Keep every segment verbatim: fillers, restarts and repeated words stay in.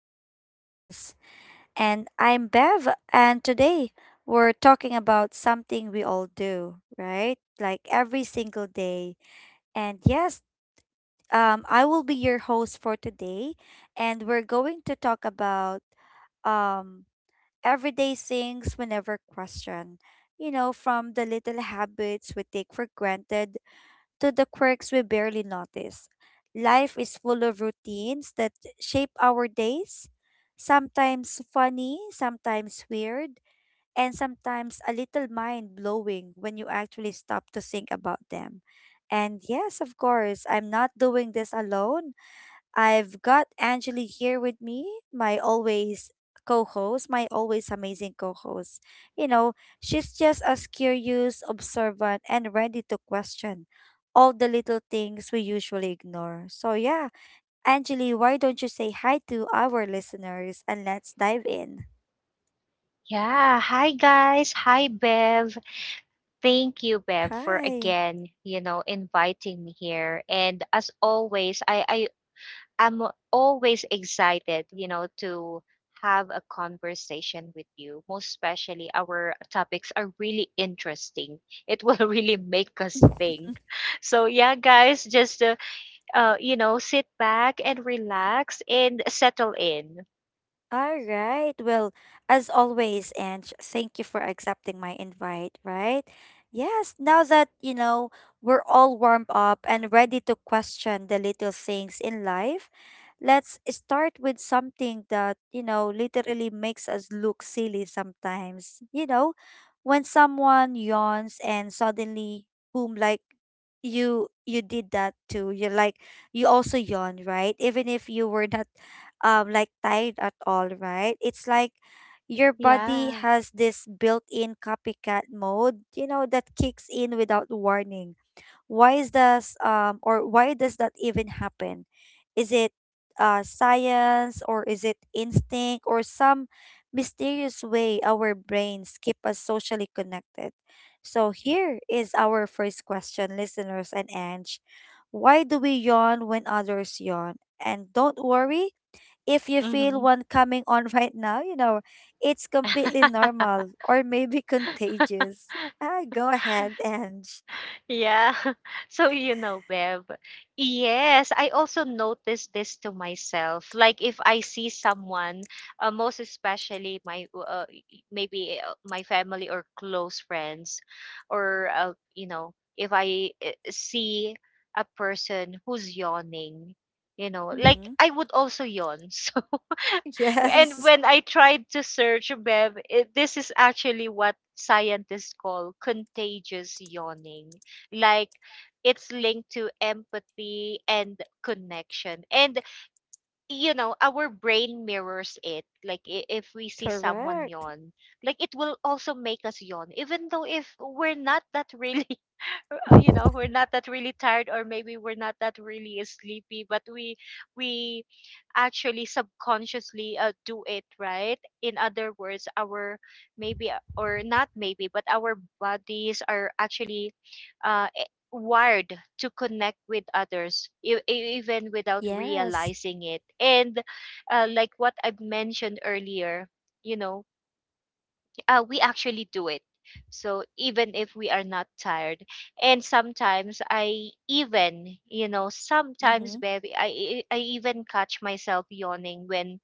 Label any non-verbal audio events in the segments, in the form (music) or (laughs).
Conversations. And I'm Bev, and today we're talking about something we all do, right? Like every single day. And yes, um, I will be your host for today, and we're going to talk about um, everyday things we never question. You know, from the little habits we take for granted to the quirks we barely notice. Life is full of routines that shape our days, sometimes funny, sometimes weird, and sometimes a little mind blowing when you actually stop to think about them. And yes, of course, I'm not doing this alone. I've got Angeli here with me, my always co host, my always amazing co host. You know, she's just as curious, observant, and ready to question all the little things we usually ignore. So, yeah, Angeli, why don't you say hi to our listeners and let's dive in? Yeah, hi guys. Hi Bev. Thank you Bev for Hi. again, you know, inviting me here. And as always, I I am always excited, you know, to have a conversation with you. Most especially our topics are really interesting. It will (laughs) really make us think. So yeah, guys, just uh, uh you know, sit back and relax and settle in. All right. Well, as always, Ange, thank you for accepting my invite, right? Yes, now that, you know, we're all warmed up and ready to question the little things in life, let's start with something that, you know, literally makes us look silly sometimes. You know, when someone yawns and suddenly, boom, like you you did that too. You're like you also yawn, right? Even if you were (laughs) not um like tired at all, right? It's like your body Yeah. has this built-in copycat mode, you know, that kicks in without warning. Why is this um or why does that even happen? Is it uh science or is it instinct or some mysterious way our brains keep us socially connected? So here is our first question, listeners and Ange. Why do we yawn when others yawn? And don't worry, if you feel Mhm. one coming on (laughs) right now, you know, it's completely (laughs) normal or maybe contagious. Ah, go ahead, Ange. Yeah. (laughs) So you know, Bev. Yes, I also notice this to myself. Like if I see someone, uh, most especially my uh, maybe uh, my family or close friends, or uh, you know, if I uh, see a person who's yawning, you know, like Mm-hmm. I would also yawn. (laughs) And Yes. when I tried to search, Bev, it, this is actually what scientists call contagious yawning. Like it's linked to empathy and connection. And, you know, our brain mirrors it. Like i- if we (laughs) see someone Correct. yawn, like it will also make us yawn, even though if we're not that (laughs) really uh, you know, (laughs) we're not that really tired or maybe we're not that really sleepy, but we we actually subconsciously uh, do it, right? In other words, our maybe uh, or not maybe but our bodies are actually uh, e- wired to connect with others e- e- even without Yes. realizing it. And uh, like what I've mentioned earlier, you know, uh, we actually do it. So even if we are not tired, and sometimes I even, you know, sometimes Mm-hmm. baby, I I I even catch myself yawning when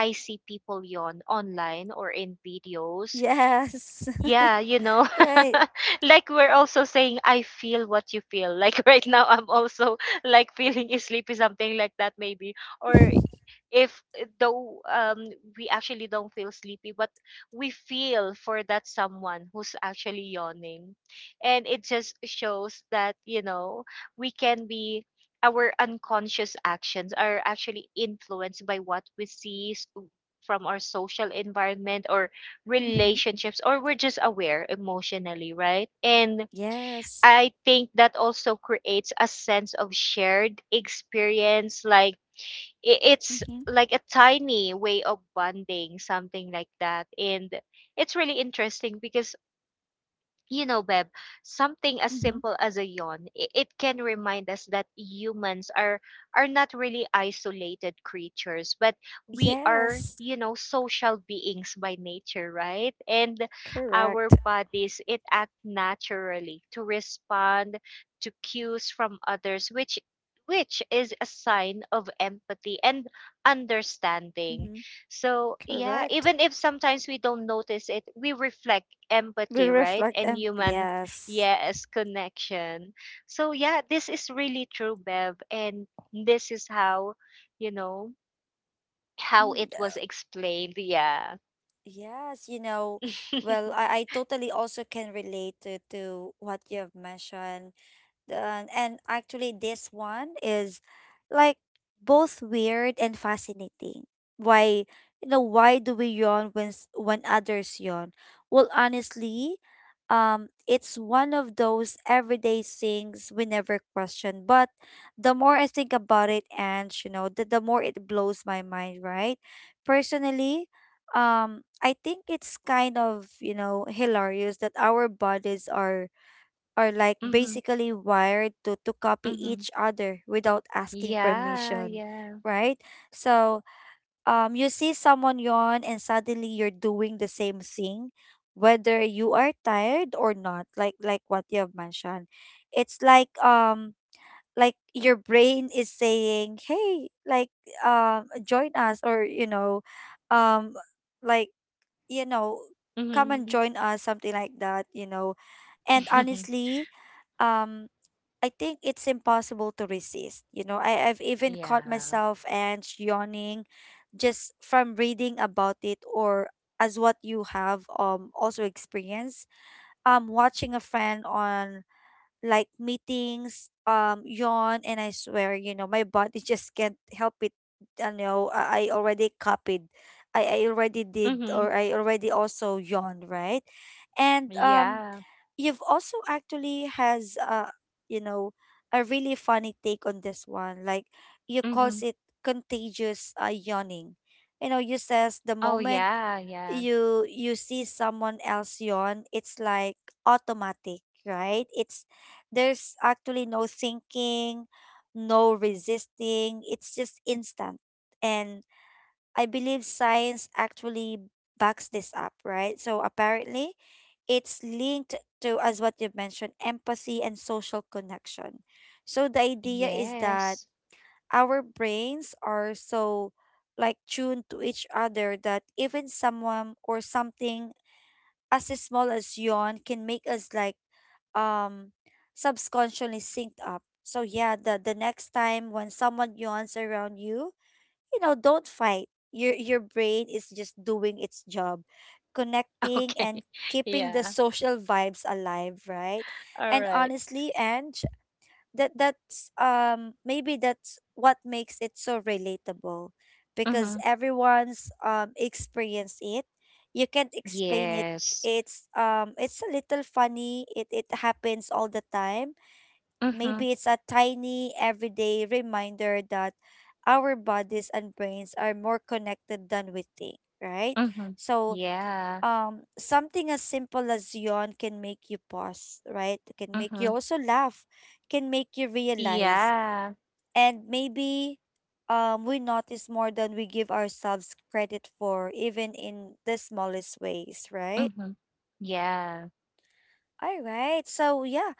I see people yawn online or in videos. Yes. Yeah, you (laughs) know, Right. (laughs) like we're also saying, I feel what you feel. (laughs) Like right now, I'm also (laughs) like feeling sleepy, something like that, maybe, or (laughs) if eh, though um, we actually don't feel sleepy, but we feel for that someone who's actually yawning. And it just shows that you know we can be, our unconscious actions are actually influenced by what we see s- from our social environment or Mm-hmm. relationships, or we're just aware emotionally, right? And Yes. I think that also creates a sense of shared experience, like i- it's Mm-hmm. like a tiny way of bonding, something like that. And it's really interesting because, you know, Beb, something as Mm-hmm. simple as a yawn, i- it can remind us that humans are are not really isolated creatures, but we are, Yes. you know, social beings by nature, right? And our Correct. bodies it act naturally to respond to cues from others, which which is a sign of empathy and understanding. Mm-hmm. So, yeah, Correct. even if sometimes we don't notice it, we reflect We empathy, right? reflect And and human, yes. yes, connection. So yeah, this is really true, Bev, and this is how, you know, how Mm. it was explained. Yeah. Yes, you know, well, (laughs) I, I totally also can relate to, to what you have mentioned. Uh, and actually, this one is like both weird and fascinating. Why, you know, why do we yawn when s- when others yawn? Well, honestly, um, it's one of those everyday things we never question. But the more I think about it, and you know, the, the more it blows my mind, right? Personally, um, I think it's kind of you know hilarious that our bodies are are like Mm-hmm. basically wired to, to copy Mm-hmm. each other without asking Yeah, permission, yeah. right? So um, you see someone yawn and suddenly you're doing the same thing, whether you are tired or not, like like what you have mentioned. It's like um like your brain is saying, "Hey, like um join us," or you know, um like you know, come Mm-hmm. and join us, something like that, you know. And (laughs) honestly, um I think it's impossible to resist. You know, I, I've even caught yeah. myself and yawning just from reading about it or as what you have um also experienced. Um watching a friend on like meetings, um yawn and I swear, you know, my body (laughs) just can't help it. I know I I already copied. I, I already did Mm-hmm. or I already also yawned, right? And um Yeah. you've also actually has a you know a really funny take on this one like you Mm-hmm. calls it contagious uh, yawning you know you says Oh, the moment yeah, yeah. you you see someone else yawn it's like automatic, right? It's there's actually no thinking, no resisting, it's just instant. And I believe science actually backs this up, right? So apparently, it's linked to, as what you've mentioned, empathy and social connection. So the idea is Yes. that our brains are so like tuned to each other that even someone or something as small as yawn can make us like um subconsciously synced up. So yeah, the the next time when someone yawns around you, you know, don't fight. Your your brain is just doing its job, (laughs) connecting Okay. and keeping the Yeah. social vibes alive, right? All And right. honestly, and that that's um maybe that's what makes it so relatable Mm-hmm. because everyone's um experienced it. You can't explain it. Yes. It's um it's a little funny. It it happens all the time. Mm-hmm. Maybe it's a tiny everyday reminder that our bodies and brains are more connected than we think, right? Mm-hmm. So, Yeah. um, something as simple as yawn can make you pause, right? Can make you Mhm. also laugh, can make you realize, Yeah. and maybe um, we notice more than we give ourselves credit for, even in the smallest ways, right? Mhm. Yeah. All right. So, yeah,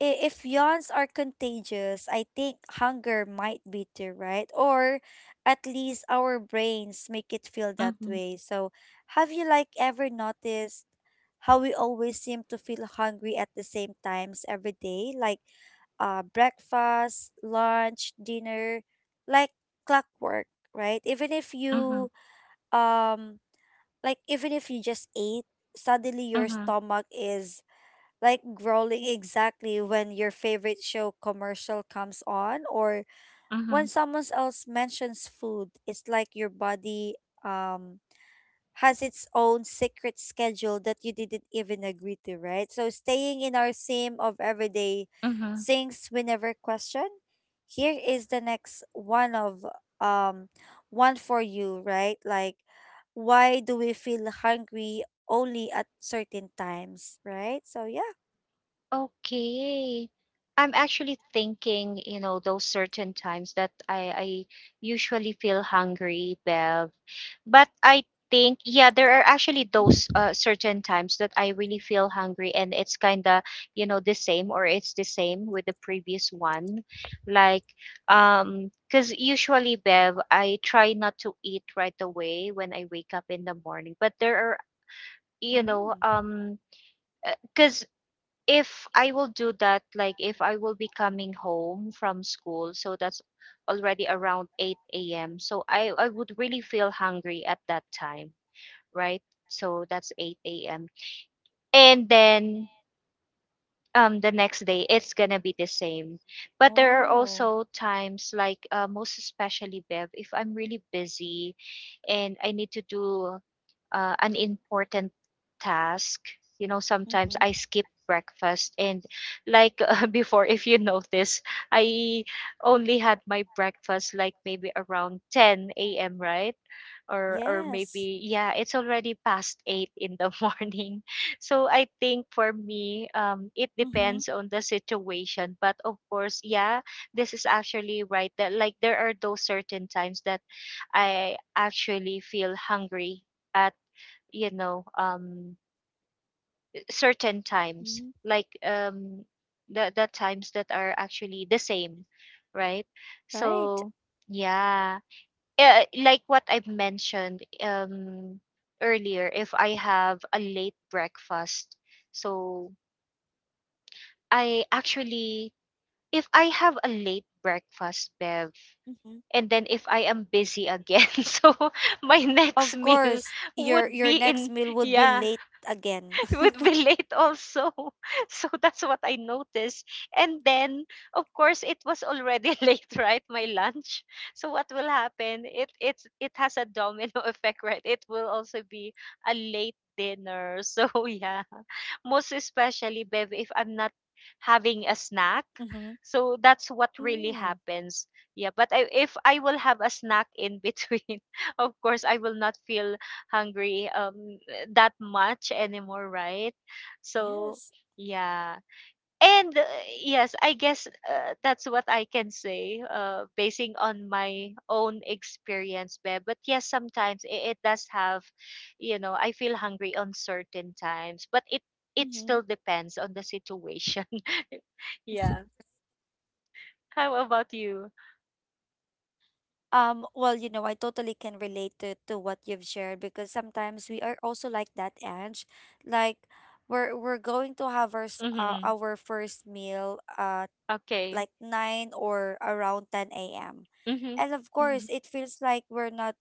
i- if yawns are contagious, I think hunger might be too, right? Or at least our brains make it feel that Mhm. way. So, have you like ever noticed how we always seem to feel hungry at the same times every day, like uh breakfast, lunch, dinner, like clockwork, right? Even if Mhm. you um like even if you just ate, suddenly your Mhm. stomach is like growling exactly when your favorite show commercial comes on or Mhm. when someone else mentions food. It's like your body um has its own secret schedule that you didn't even agree to, right? So staying in our theme of everyday Mhm. things we never question, here is the next one of um one for you, right? Like why do we feel hungry only at certain times, right? So yeah. Okay. I'm actually thinking, you know, those certain times that I, I usually feel hungry, Bev. But I think, yeah, there are actually those (laughs) uh, certain times that I really feel hungry, and it's kind of, you know, the same, or it's the same with the previous one. Like, um, because usually, Bev, I try not to eat right away when I wake up in the morning. But there are, you know, Mm. um, because if I will do that, like if I will be coming home from school, so that's already around eight a m. So I, I would really feel hungry at that time, right? So that's eight a m. And then um, the next day, it's going to be the same. But there are also times, like uh, most especially, Bev, if I'm really busy and I need to do uh, an important task, you know, sometimes I Mm-hmm. skip breakfast. And like (laughs) uh, before, if you notice, I only had my breakfast like maybe around ten a.m., right? Or or Yes. maybe yeah, it's already past eight in the (laughs) morning. So I think for me, um it Mm-hmm. depends on the situation. But of course, yeah, this is actually right that like there are those certain times that I actually feel hungry at, you know, um certain times, Mm-hmm. like um the the times that are actually the same, right? Right. So yeah, uh, like what I've mentioned um earlier, if I have a late breakfast, so I actually, if I have a late breakfast, Bev, Mm-hmm. and then if I am busy again (laughs) so my next Of meal course, your would your be next in, meal would be yeah, late again. (laughs) (laughs) would be late also. (laughs) So that's what I noticed. And then, of course, it was already (laughs) late, right? My lunch. So what will happen? It it's it has a domino (laughs) effect, right? It will also be a late dinner. (laughs) So yeah. Most especially, Bev, if I'm not having a snack. Mm-hmm. So that's what really Mm. happens. Yeah, but I, if I will have a snack in between, (laughs) of course I will not feel hungry. Um, that much anymore, right? So, Yes. yeah. And uh, yes, I guess uh, that's what I can say, uh, basing on my own experience, Beb. But yes, sometimes it, it does have, you know, I feel hungry on certain times, but it it Mm-hmm. still depends on the situation. (laughs) yeah. How about you? Um, well, you know, I totally can relate to, to what you've shared because sometimes we are also like that, Ange. Like we're we're going to have our s- uh, Mm-hmm. our first meal uh Okay. like nine or around ten a m. Mm-hmm. And of course, Mm-hmm. it feels like we're not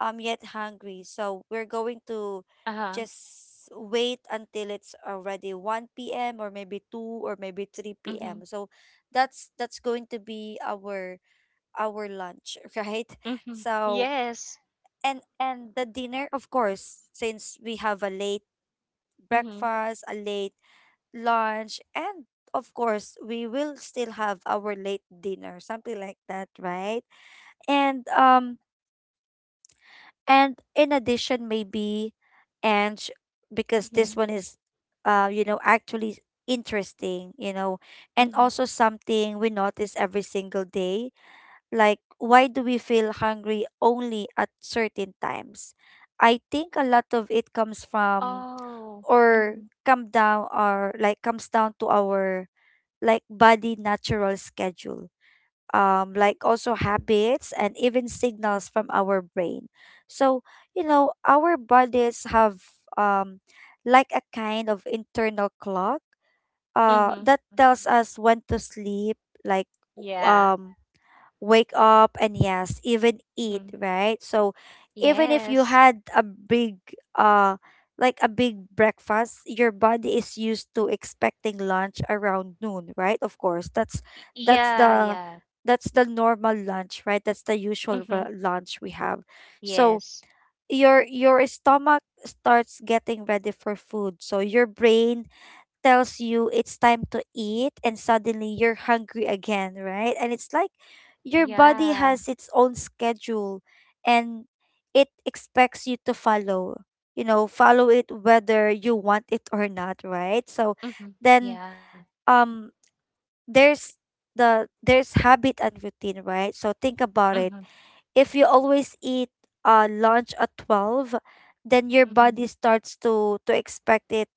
um yet hungry, so we're going to Uh-huh. just wait until it's already one p m or maybe two or maybe 3 Mm-hmm. p.m. So that's that's going to be our our lunch, (laughs) right? Mm-hmm. So Yes. and and the dinner, of course, since we have a late Mm-hmm. breakfast, a late lunch, and of course, we will still have our late dinner, something like that, right? And um and in addition maybe and sh- because Mm-hmm. this one is uh you know actually interesting, you know, and Mm-hmm. also something we notice every single day, like why do we feel hungry only at certain times? I think a lot of it comes from Oh. or Mm-hmm. come down or like comes down to our like body natural schedule, um like also habits and even signals from our brain. So you know our bodies have um like a kind of internal clock uh Mm-hmm. that tells us when to sleep, like Yeah. um wake up, and yes, even eat, Mm-hmm. right? So even if you Yes. had a big uh like a big breakfast, your body is used to expecting lunch around noon, right? Of course, that's Y- that's Yeah, the Yeah. that's the normal lunch, right? That's the usual Mm-hmm. ra- lunch we have. So Yes. your your stomach starts getting ready for food. So your brain tells you it's time to eat and suddenly you're hungry again, right? And it's like your body Yeah. has its own schedule and it expects you to follow, you know, follow it whether you want it or not, right? So Mm-hmm. then Yeah. um there's the there's habit and routine, right? So think about Mm-hmm. it. If you always eat uh lunch at twelve, then your Mm-hmm. body starts to to expect it,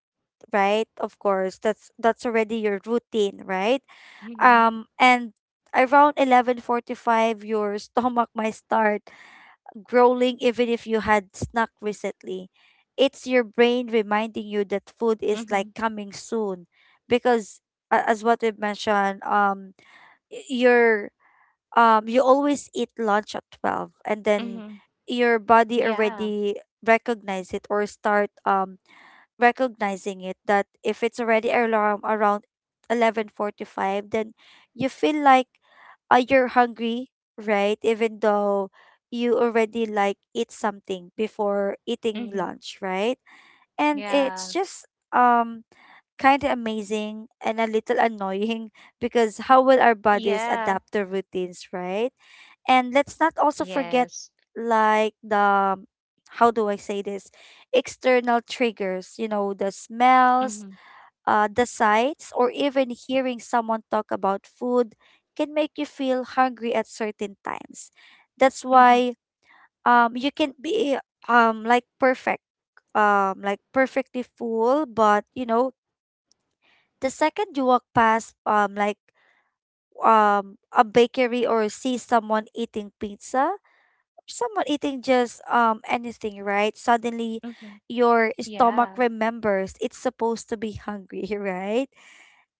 right? Of course, that's that's already your routine, right? Mm-hmm. Um, and around eleven forty-five, your (laughs) stomach might start growling, even if you had snack recently. It's your brain reminding you that food is Mm-hmm. like coming soon, because a- as what we've mentioned, um, y- you're um you always eat lunch at twelve, and Mm-hmm. then your body Yeah. already recognize it or start um recognizing it that if it's already alarm around eleven forty-five, then you feel like uh, you're hungry, right? Even though you already like eat something before Mm-hmm. eating lunch, right? And Yeah. it's just um kind of amazing and a little annoying (laughs) because how will our bodies Yeah. adapt to routines, right? And let's not also forget Yes. like the how do I say this? External triggers, you know, the Mm-hmm. smells, uh, the sights, or even hearing someone talk about food can make you feel hungry at certain times. That's Mm-hmm. why um you can be um like perfect um like perfectly full, but you know the second you walk past um like um a bakery or see someone eating pizza, someone eating just um anything, right? Suddenly Mm-hmm. your Yeah. stomach remembers it's supposed to be hungry, (laughs) right?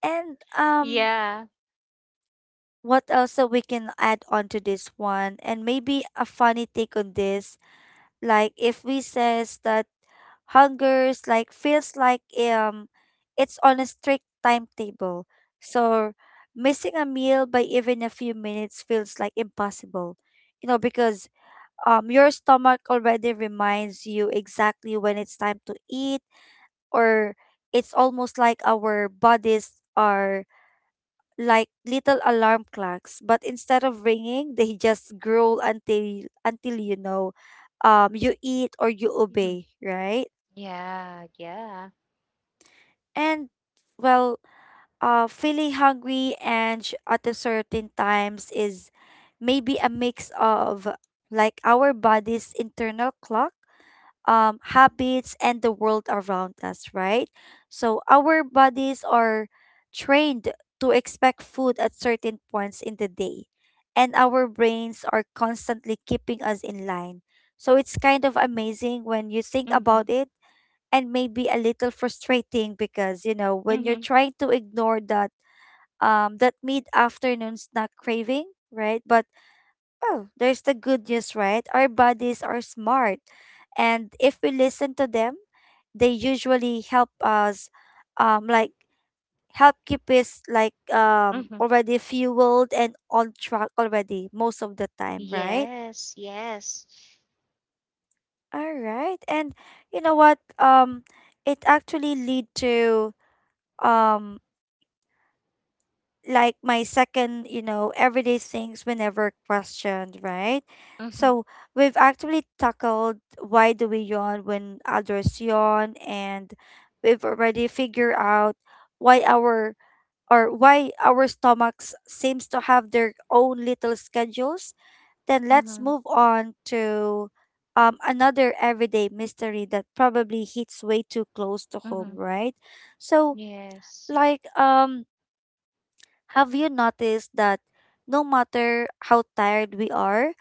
And um Yeah. what else that we can add on to this one, and maybe a funny take on this? Like if we says that hungers like feels like um it's on a strict timetable, so missing a meal by even a few minutes feels like impossible, you know, because um, your stomach already reminds you exactly when it's time to eat. Or it's almost like our bodies are like little alarm clocks, but instead of ringing, they just growl until until you know, um, you eat or you Mm-hmm. obey, right? Yeah. Yeah. And well, uh, feeling hungry and sh- at a certain times is maybe a mix of like our body's internal clock, um, habits, and the world around us, right? So our bodies are trained to expect food at certain points in the day, and our brains are constantly keeping us in line. So it's kind of amazing when you think Mm-hmm. about it, and maybe a little frustrating because, you know, when Mm-hmm. you're trying to ignore that um that mid afternoon snack craving, right? But well, there's the good news, right? Our bodies are smart. And if we listen to them, they usually help us um like help keep us like um Mm-hmm. already fueled and on track already most of the time, right? Yes. Yes. All right. And you know what? Um it actually lead to um like my second, you know, everyday things we never questioned, right? Mm-hmm. So we've actually tackled why do we yawn when others yawn, and we've already figured out why our, or why our stomachs seems to have their own little schedules. Then let's Mm-hmm. move on to um, another everyday mystery that probably hits way too close to home, Mm-hmm. right? So Yes. like um have you noticed that no matter how tired we are,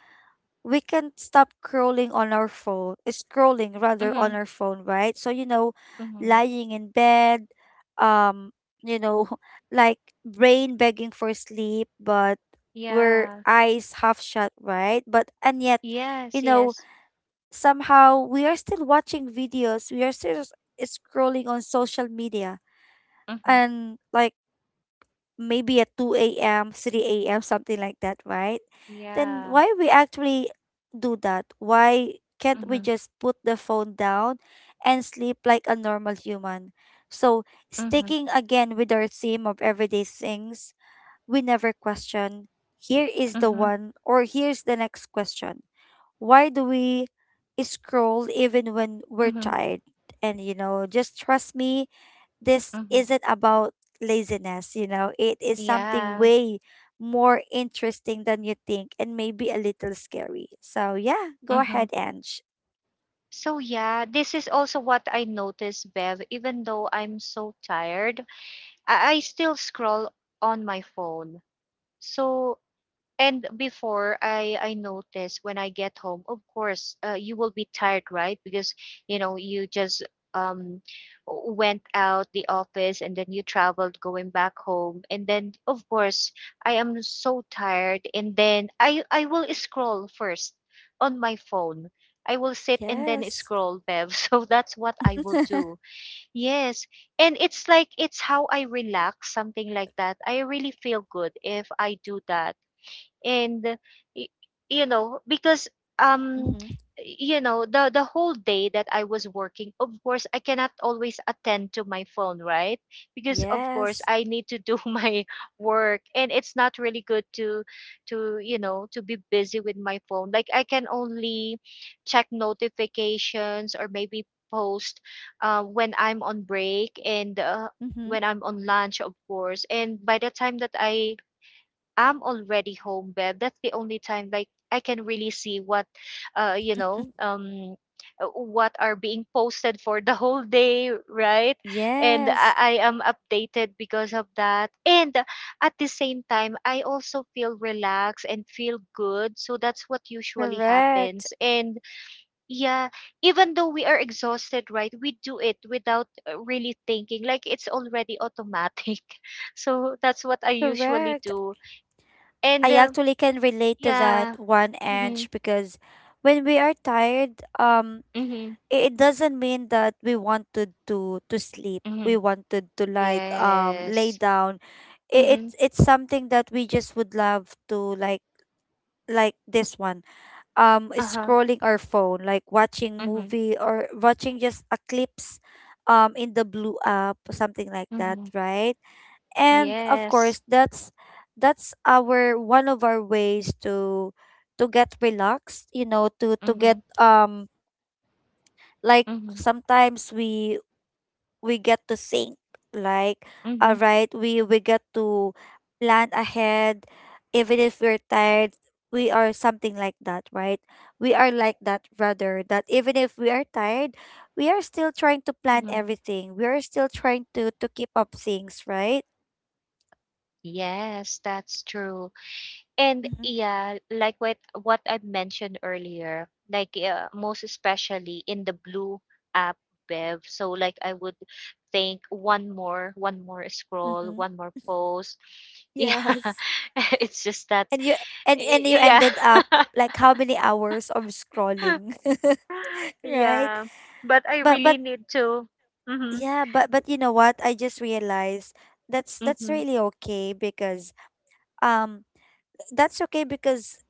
we can't stop scrolling on our phone, scrolling rather on Mhm. our phone, right? So, you know, Mhm. lying in bed, um, you know, (laughs) like brain begging for sleep, but we're Yeah. eyes half shut, right? But and yet, Yes, you know, yes. somehow we are still watching videos, we are still s- scrolling on social media. Mhm. And like maybe at two a m, three a m, something like that, right? Then Yeah. why we actually do that? Why can't we Mhm. just put the phone down and sleep like a normal human? So, Mhm. sticking again with our theme of everyday things, we never question. Here is the Mhm. one, or here's the next question. Why do we scroll even when we're Mhm. tired? And you know, just trust me, this Mhm. isn't about laziness, you know, it is something Yeah. way more interesting than you think, and maybe a little scary. So, yeah, go ahead, Mhm. Ange. So yeah, this is also what I noticed, Bev. Even though I'm so tired, I, I still scroll on my phone. So, and before I I notice when I get home, of course, uh, you will be tired, right? Because you know you just um went out the office, and then you traveled going back home, and then of course I am so tired, and then I I will scroll first on my phone. I will sit and then Yes. scroll, Bev. (laughs) So that's what (laughs) I will Mm-hmm. do. Yes. And it's like it's how I relax, something like that. I really feel good if I do that. And y- you know, because um you know, the the whole day that I was working, of course I cannot always attend to my phone, right? Because of course Yes. I need to do (laughs) my work, and it's not really good to to you know, to be busy with my phone. Like I can only check notifications or maybe post uh, when I'm on break, and uh, Mm-hmm. when I'm on lunch, of course. And by the time that I am already home, Bev, that's the only time like I can really see what, uh, you know, um, uh, what are being posted for the whole day, right? And Yes. I, I am updated because of that. And at the same time, I also feel relaxed and feel good. So that's what usually Correct. happens. And yeah, even though we are exhausted, right, we do it without uh, really thinking. Like it's already automatic. (laughs) So that's what I usually Correct. do. And, I uh, actually can relate to that yeah. one, Mm-hmm. Ange, because when we are tired, um, Mm-hmm. i- it doesn't mean that we wanted to to sleep, Mm-hmm. we wanted to like um lay Yes. down. it, it Mm-hmm. it's something that we just would love to like like this one, um Uh-huh. scrolling our phone, like watching Mm-hmm. movie or watching just a clips um in the blue app, something like that, Mm-hmm. right? And of Yes. course that's that's our one of our ways to to get relaxed, you know, to to get Mm-hmm. um like Mm-hmm. sometimes we we get to think like all Mm-hmm. right, we we get to plan ahead even if we're tired, we are, something like that, right? We are like that, rather that even if we are tired, we are still trying to plan Mm-hmm. everything, we are still trying to to keep up things, right? Yes, that's true. And Mm-hmm. yeah, like what what I mentioned earlier, like uh, most especially in the blue app, Bev. So like I would think one more, one more scroll, Mm-hmm. one more post. (laughs) (laughs) Yeah, Yes. (laughs) it's just that. And you and and you Yeah. ended up (laughs) like how many hours of scrolling, (laughs) (laughs) right? yeah. But I but but really need to. Mm-hmm. yeah, but but you know what? I just realized that's that's Mm-hmm. really okay because um that's okay because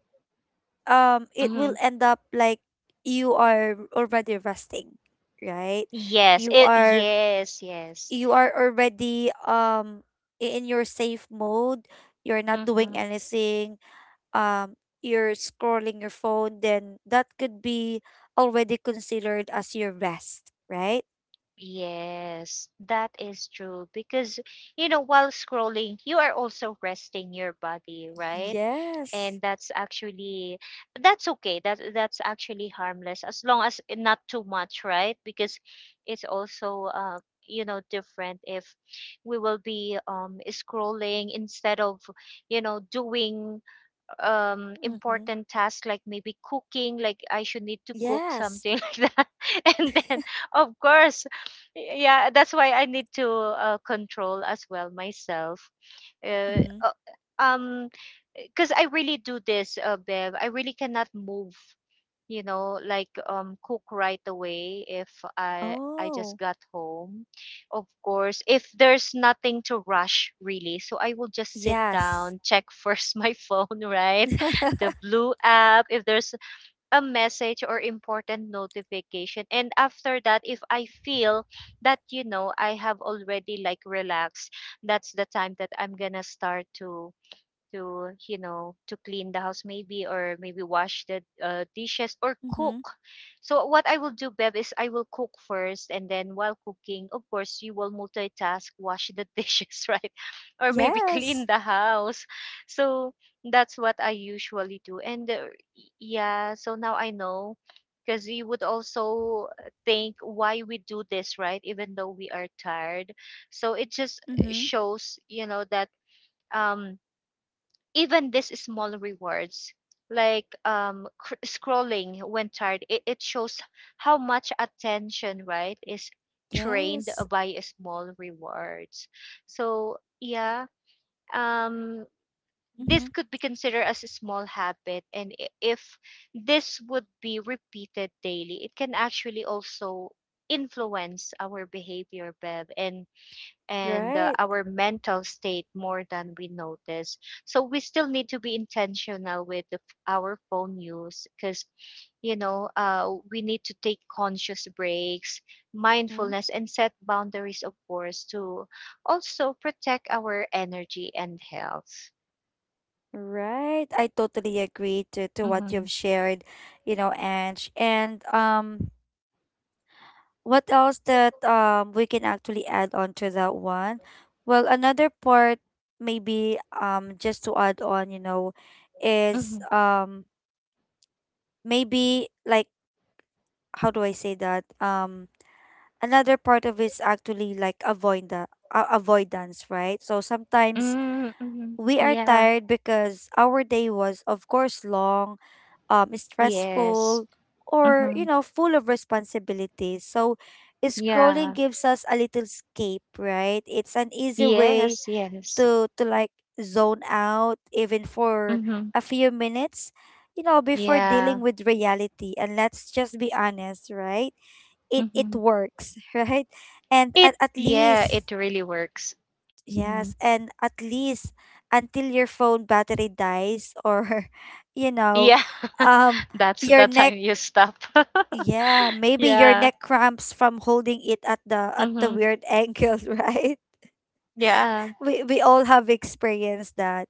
um it Mm-hmm. will end up like you are already resting, right? Yes. You It, are yes. Yes. you are already um i- in your safe mode. You're not doing Mm-hmm. anything. Um you're scrolling your phone, then that could be already considered as your rest, right? Yes. That is true, because you know while scrolling, you are also resting your body, right? Yes. And that's actually, that's okay, that that's actually harmless as long as i- not too much, right? Because it's also uh you know different if we will be um scrolling instead of, you know, doing um Mm-hmm. important tasks, like maybe cooking, like I should need to cook Yes. something (laughs) like that. And then of course, y- yeah, that's why I need to uh, control as well myself, uh, Mm-hmm. uh, um because I really do this, uh, Bev. I really cannot move, you know, like um, cook right away if I I Oh. just got home. Of course, if there's nothing to rush really, so I will just sit Yes. down, check first (laughs) my phone, (laughs) right, Mm-hmm. the blue app, if there's a message or important notification. And after that, if I feel that you know I have already like relaxed, that's the time that I'm gonna start to to you know to clean the house maybe, or maybe wash the uh, dishes or cook. So what I will do, Beb, is I will cook first, and then while cooking, of course, you will multitask, wash the (laughs) dishes, right, or maybe Yes. clean the house. So that's what I usually do. And uh, Yeah, so now I know, because you would also think why we do this, right, even though we are tired. So it just Mm-hmm. shows you know that um even these small rewards, like um cr- scrolling when tired, it, it shows how much attention, right, is trained Yes. by a small rewards. So yeah. um Mm-hmm. this could be considered as a small habit, and i- if this would be repeated daily, it can actually also influence our behavior, Bev. and and uh, Right. our mental state more than we notice. So we still need to be intentional with the, our phone use, because you know uh, we need to take conscious breaks, Mm-hmm. mindfulness, and set boundaries, of course, to also protect our energy and health. Right. I totally agree to, to what Mm-hmm. you've shared, you know, Ange. And um what else that um we can actually add on to that one? Well, another part maybe um just to add on, you know, is Mm-hmm. um maybe like how do I say that? Um another part of it's actually like avoid the, uh, avoidance, right? So sometimes Mm-hmm. we are Yeah. tired because our day was, of course, long, um, Yes. stressful, or Mm-hmm. you know, full of responsibilities. So Yeah. scrolling gives us a little escape, right? It's an easy way Yes. Yes. to to like zone out, even for Mm-hmm. a few minutes. You know, before Yeah. dealing with reality, and let's just be honest, right? it it Mm-hmm. works, (laughs) right? And It at, at yeah, least it really works. Hmm. yes, and at least until your phone battery dies, or (laughs) you know, Yeah, (laughs) um that's your the time neck, you stop. (laughs) yeah, maybe your Yeah. neck cramps from holding it at the at the Mm-hmm. weird (laughs) angle, right? Yeah. we we all have experienced that.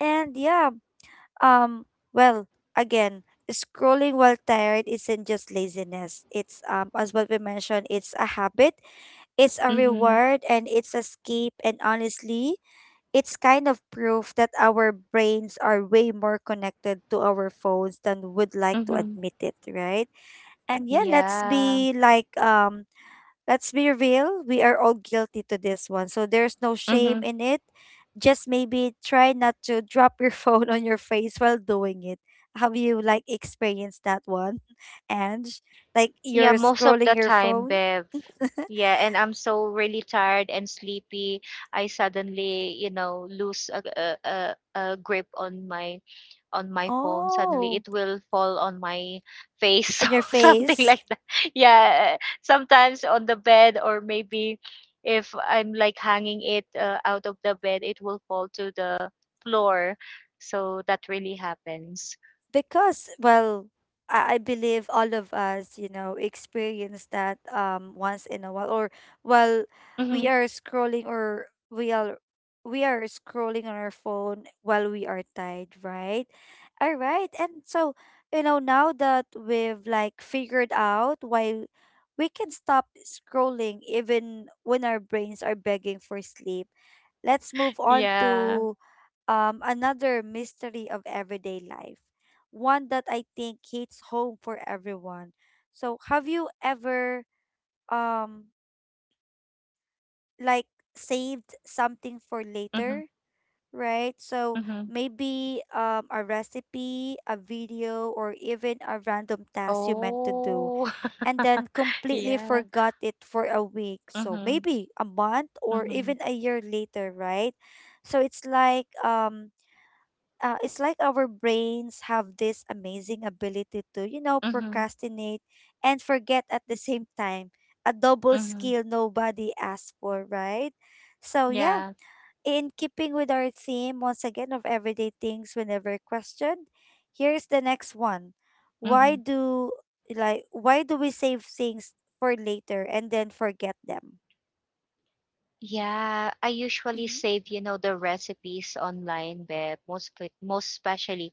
And yeah, um well, again, scrolling while tired isn't just laziness, it's um as what we mentioned, it's a habit. It's a Mm-hmm. reward, and it's escape, and honestly, it's kind of proof that our brains are way more connected to our phones than would like to Mm-hmm. admit it, right? And yeah, let's Yeah. be like um let's be real, we are all guilty to this one. So there's no shame Mm-hmm. in it. Just maybe try not to drop your (laughs) phone on your face while doing it. Have you like experienced that one? (laughs) And like Yeah. you're Most of scrolling the your time, phone? Bev. Yeah, and I'm so really tired and sleepy. I suddenly, you know, lose a a, a, a grip on my on my phone. Suddenly Oh, it will fall on my face (laughs) on your or something face. like that. Yeah, sometimes on the bed, or maybe if I'm like hanging it uh, out of the bed, it will fall to the floor. So that really happens. Because well, I I believe all of us, you know, experience that um once in a while or while we Hmm. are scrolling, or we are we are scrolling on our phone while we are tired, right? All right. And so, you know, now that we've like figured out why we can stop scrolling even when our brains are begging for sleep, let's move on Yeah. to um, another mystery of everyday life, one that I think hits home for everyone. So, have you ever um like saved something for Hmm. later, right? So Hmm. maybe um a recipe, a video, or even a random task you meant to do, Oh. and (laughs) then completely Yeah. forgot it for a week. So Hmm. maybe a month or Hmm. even a year later, right? So it's like um uh, it's like our brains have this amazing ability to, you know, Hmm. procrastinate and forget at the same time. A double Hmm. skill nobody asked for, right? So, yeah, Yeah. in keeping with our theme, once again, of everyday things whenever questioned, here's the next one. Why Hmm. do, like, why do we save things for later and then forget them? Yeah, I usually Mm-hmm. save, you know, the recipes online, Beb, most pe- most especially,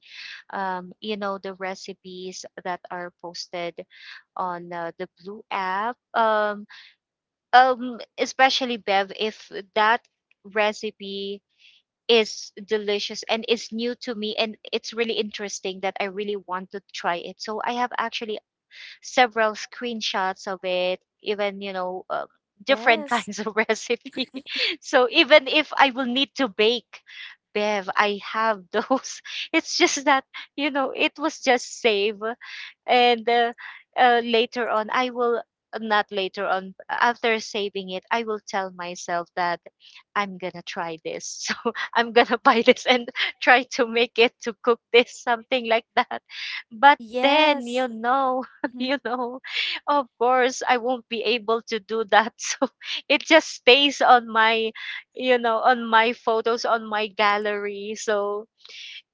um, you know, the recipes that are posted on uh, the Blue app. Um, um, especially, Bev, if that recipe is delicious and is new to me, and it's really interesting that I really want to try it. So I have actually several screenshots of it, even, you know, uh, different Yes, kinds of (laughs) recipe. So even if I will need to bake, Bev, I have those. (laughs) It's just that, you know, it was just save. And uh, uh, Later on, I will, not later on, after saving it, I will tell myself that I'm gonna try this. (laughs) So I'm gonna (laughs) buy this and try to make it, to cook this, something like that. But then, you yes. know, (laughs) Mm-hmm. you know, of course I won't be able to do that. (laughs) So it just stays on my, you know, on my photos, on my gallery. So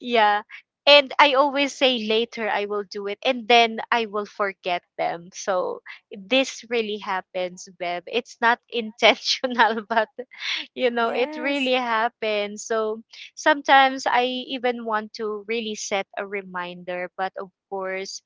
yeah, and I always say later I will do it, and then I will forget them. So this really happens, Bev. It's not (laughs) intentional, but you know, it really Yes, happens. So sometimes I even want to really set a reminder, but of course,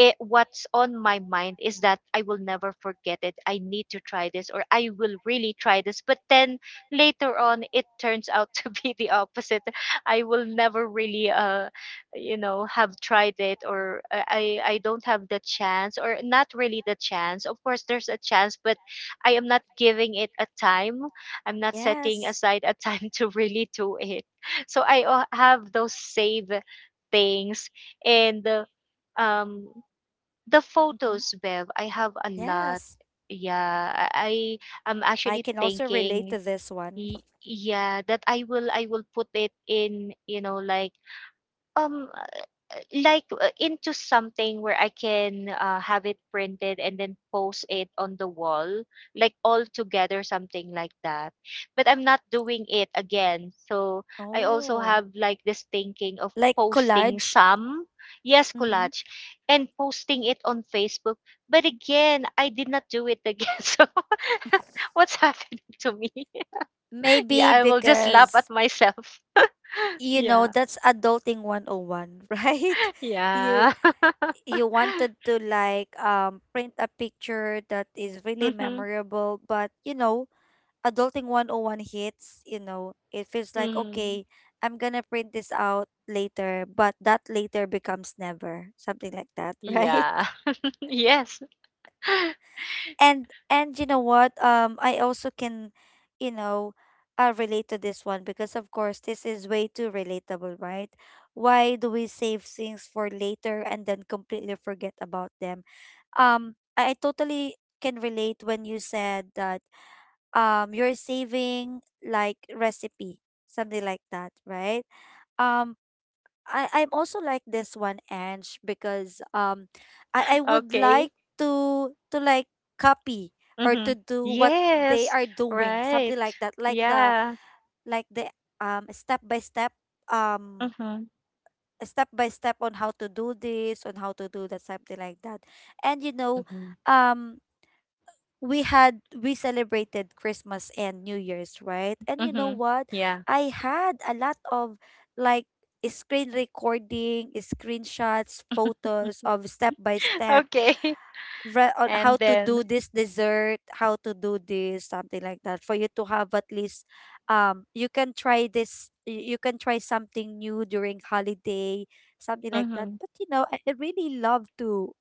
it, what's on my mind is that I will never forget it. I need to try this, or I will really try this. But then later on it turns (laughs) out to be the opposite. I will never really uh you know have tried it, or uh, I I don't have the chance, or not really the chance. Of course there's a chance, but I am not giving it a time. I'm not setting yes. aside a (laughs) time to really do it. So I uh, have those save things. And uh, um the photos, Bev, I have a lot. Yes, Yeah, I I am I actually can also relate thinking, to this one. y- yeah, that I will I will put it in, you know, like um like uh, into something where I can uh, have it printed, and then post it on the wall, like all together, something like that. But I'm not doing it again. So I also Oh, have like this thinking of like posting collage. some, yes, Mm-hmm. collage, and posting it on Facebook. But again, I did not do it again. (laughs) So (laughs) what's happening to me? (laughs) Yeah, Maybe I will just laugh because at myself. (laughs) you know Yeah. that's adulting one oh one, (laughs) right? You Yeah. (laughs) you wanted to like um print a picture that is really Mhm. memorable, but you know, adulting one oh one hits, you know, it feels like Mm, okay, I'm gonna print this out later, but that later becomes never, something like that, (laughs) right? yeah. (laughs) Yes. (laughs) and and you know what, um I also can, you know, uh, relate to this one because of course this is way too relatable, right? Why do we save things for later and then completely forget about them? um i, I totally can relate when you said that um you're saving like recipe, something like that, right? um I I'm also like this one, Ange, because um, I I would Okay. like to to like copy or Mm-hmm. to do what they Yes. are doing, Right. something like that, like the Yeah. like the um step by step um Mm-hmm. step by step on how to do this, on how to do that, something like that. And you know, Mm-hmm. um we had we celebrated Christmas and New Year's, right? And you know Mm-hmm. what? Yeah. I had a lot of like screen recording, screenshots, photos of step by (laughs) step Okay. re- (laughs) on how And to do then. this dessert, how to do this, something like that, for you to have at least, um, you can try this, you, you can try something new during holiday, something like that. Mm-hmm. But you know, I, I really love to,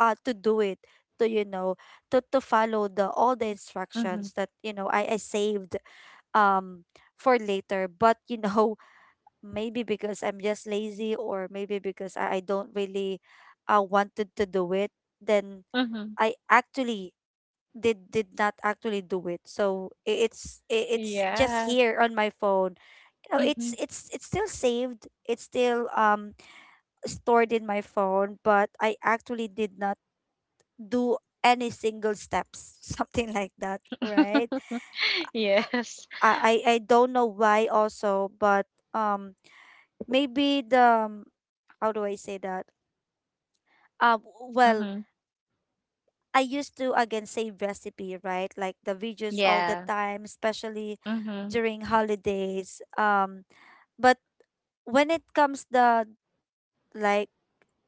uh, to do it, to you know, to to follow the all the Mm-hmm. instructions that you know I I saved, um, for later. But you know, (laughs) maybe because I'm just lazy, or maybe because I, I don't really, uh, wanted to do it, then Mm-hmm. I actually did did not actually do it. So i- it's i- it's just Yeah. here on my phone. You know, Mm-hmm. it's it's it's still saved. It's still um stored in my phone, but I actually did not do any single steps, (laughs) something like that, right? (laughs) Yes. I I, I don't know why also, but um maybe the um, how do I say that? Um well, Mm-hmm. I used to again save recipe, right? Like the videos all the Yeah. time, especially Mm-hmm. during holidays. Um, but when it comes the like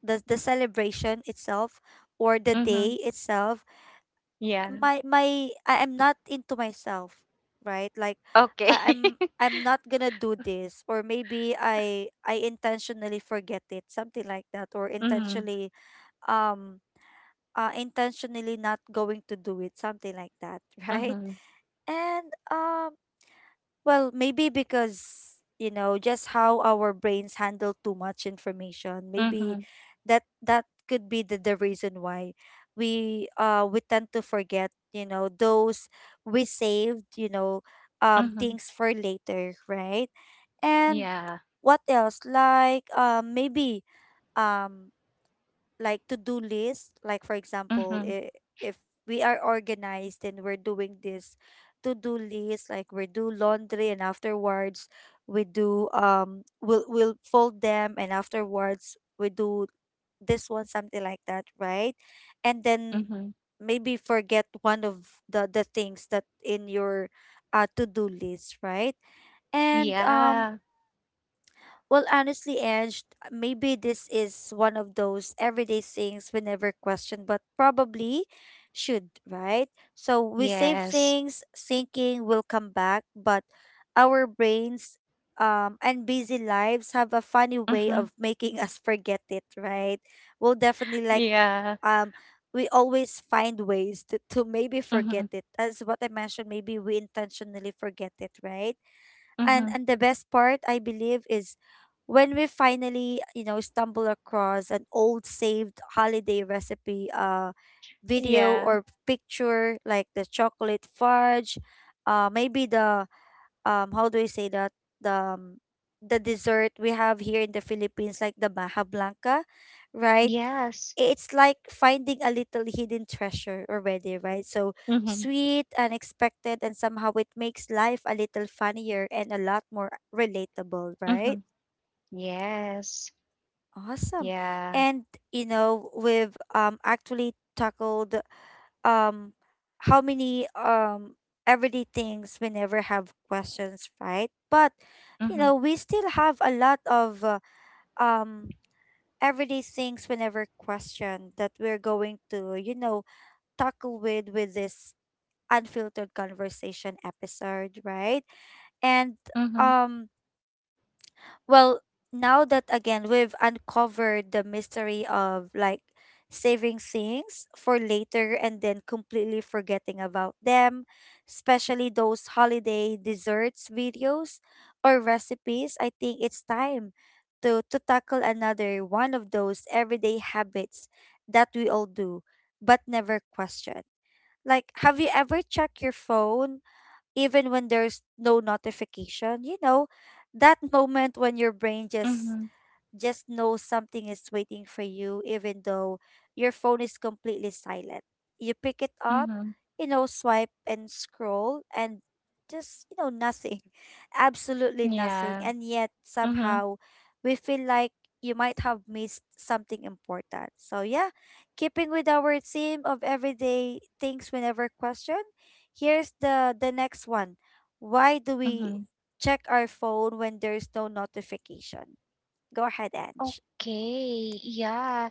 the the celebration itself or the Mm-hmm. day itself, Yeah. my my I am not into myself, right? Like Okay. I, I'm (laughs) I'm not gonna do this, or maybe I I intentionally forget it, something like that, or Mm-hmm. intentionally um uh intentionally not going to do it, something like that, (laughs) right? Mm-hmm. And um, well, maybe because you know just how our brains handle too much information. Mm-hmm. Maybe that that could be the, the reason why we uh we tend to forget. You know those we saved, You know um Mm-hmm. things for later, right? And Yeah. what else? Like um maybe um like to-do list, like, for example Mm-hmm. i- if we are organized and we're doing this to-do list, like we do laundry, and afterwards we do um we'll we'll fold them, and afterwards we do this one, something like that, right? And then Mm-hmm. maybe forget one of the the things that in your uh to-do list, right? And um Yeah. well, honestly, Ange, maybe this is one of those everyday things we never question, but probably should, right? So we save Yes. things thinking will come back, but our brains um, and busy lives have a funny way Mm-hmm. of making (laughs) us forget it, right? We'll definitely, like, Yeah. um, we always find ways to, to maybe Mhm. forget it. As what I mentioned, maybe we intentionally forget it, right? and Mhm. and the best part, I believe, is when we finally you know stumble across an old saved holiday recipe, uh video Yeah. or picture, like the chocolate fudge, uh maybe the, um how do I say that? The um, the dessert we have here in the Philippines, like the Maha Blanca, right? Yes. It's like finding a little hidden treasure already, right? So Mhm. sweet, unexpected, and somehow it makes life a little funnier and a lot more relatable, right? Mhm. Yes. Awesome. Yeah. And you know, we've um actually tackled um how many um everyday things we never have questions, right? But you Mhm. know we still have a lot of uh, um everyday things we never question that we're going to you know tackle with with this unfiltered conversation episode, right? And Mhm. um well, now that again we've uncovered the mystery of, like, saving things for later and then completely forgetting about them, especially those holiday desserts videos or recipes, I think it's time to to tackle another one of those everyday habits that we all do but never question. Like, have you ever checked your phone even when there's no notification? You know, that moment when your brain just Mhm. just know something is waiting for you, even though your phone is completely silent. You pick it up, Mhm. you know, swipe and scroll, and just, you know, nothing, (laughs) absolutely nothing. Yeah. And yet, Mhm. somehow, we feel like you might have missed something important. So, yeah, keeping with our theme of everyday things we never question, here's the, the next one. Why do we Mhm. check our phone when there's no notification? Go ahead, Ange. Okay. Yeah.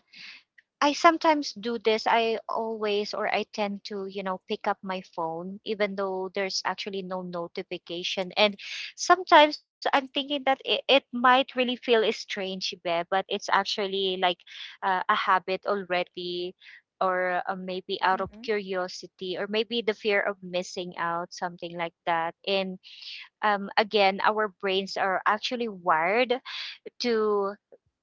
I sometimes do this. I always, or I tend to, you know, pick up my phone even though there's actually no notification. And sometimes I'm thinking that it, it might really feel strange, Beh, but it's actually like uh, a habit already, or uh, maybe out of Mm-hmm. curiosity, or maybe the fear of missing out, something like that. And um, Again, our brains are actually wired to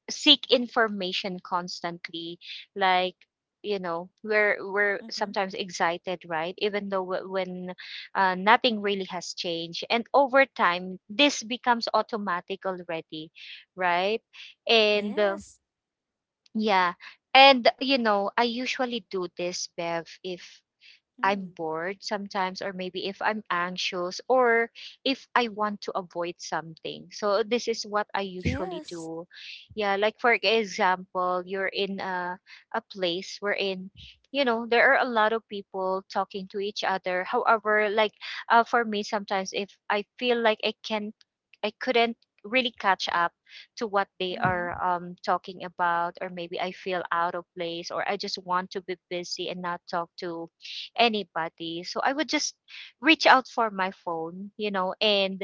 seek information constantly, like, you know, we're we're Mm-hmm. sometimes excited, right, even though w- when uh, nothing really has changed, and over time this becomes automatic already, right? and uh, Yes. Yeah. And you know, I usually do this, Bev, if I'm Mm. bored sometimes, or maybe if I'm anxious, or if I want to avoid something. So this is what I usually Yes. do. Yeah, like for example, you're in a, a place wherein, you know, there are a lot of people talking to each other. However, like, uh, for me, sometimes if I feel like I can, I couldn't really catch up to what they are Mm-hmm. um, talking about, or maybe I feel out of place, or I just want to be busy and not talk to anybody. So I would just reach out for my phone, you know, and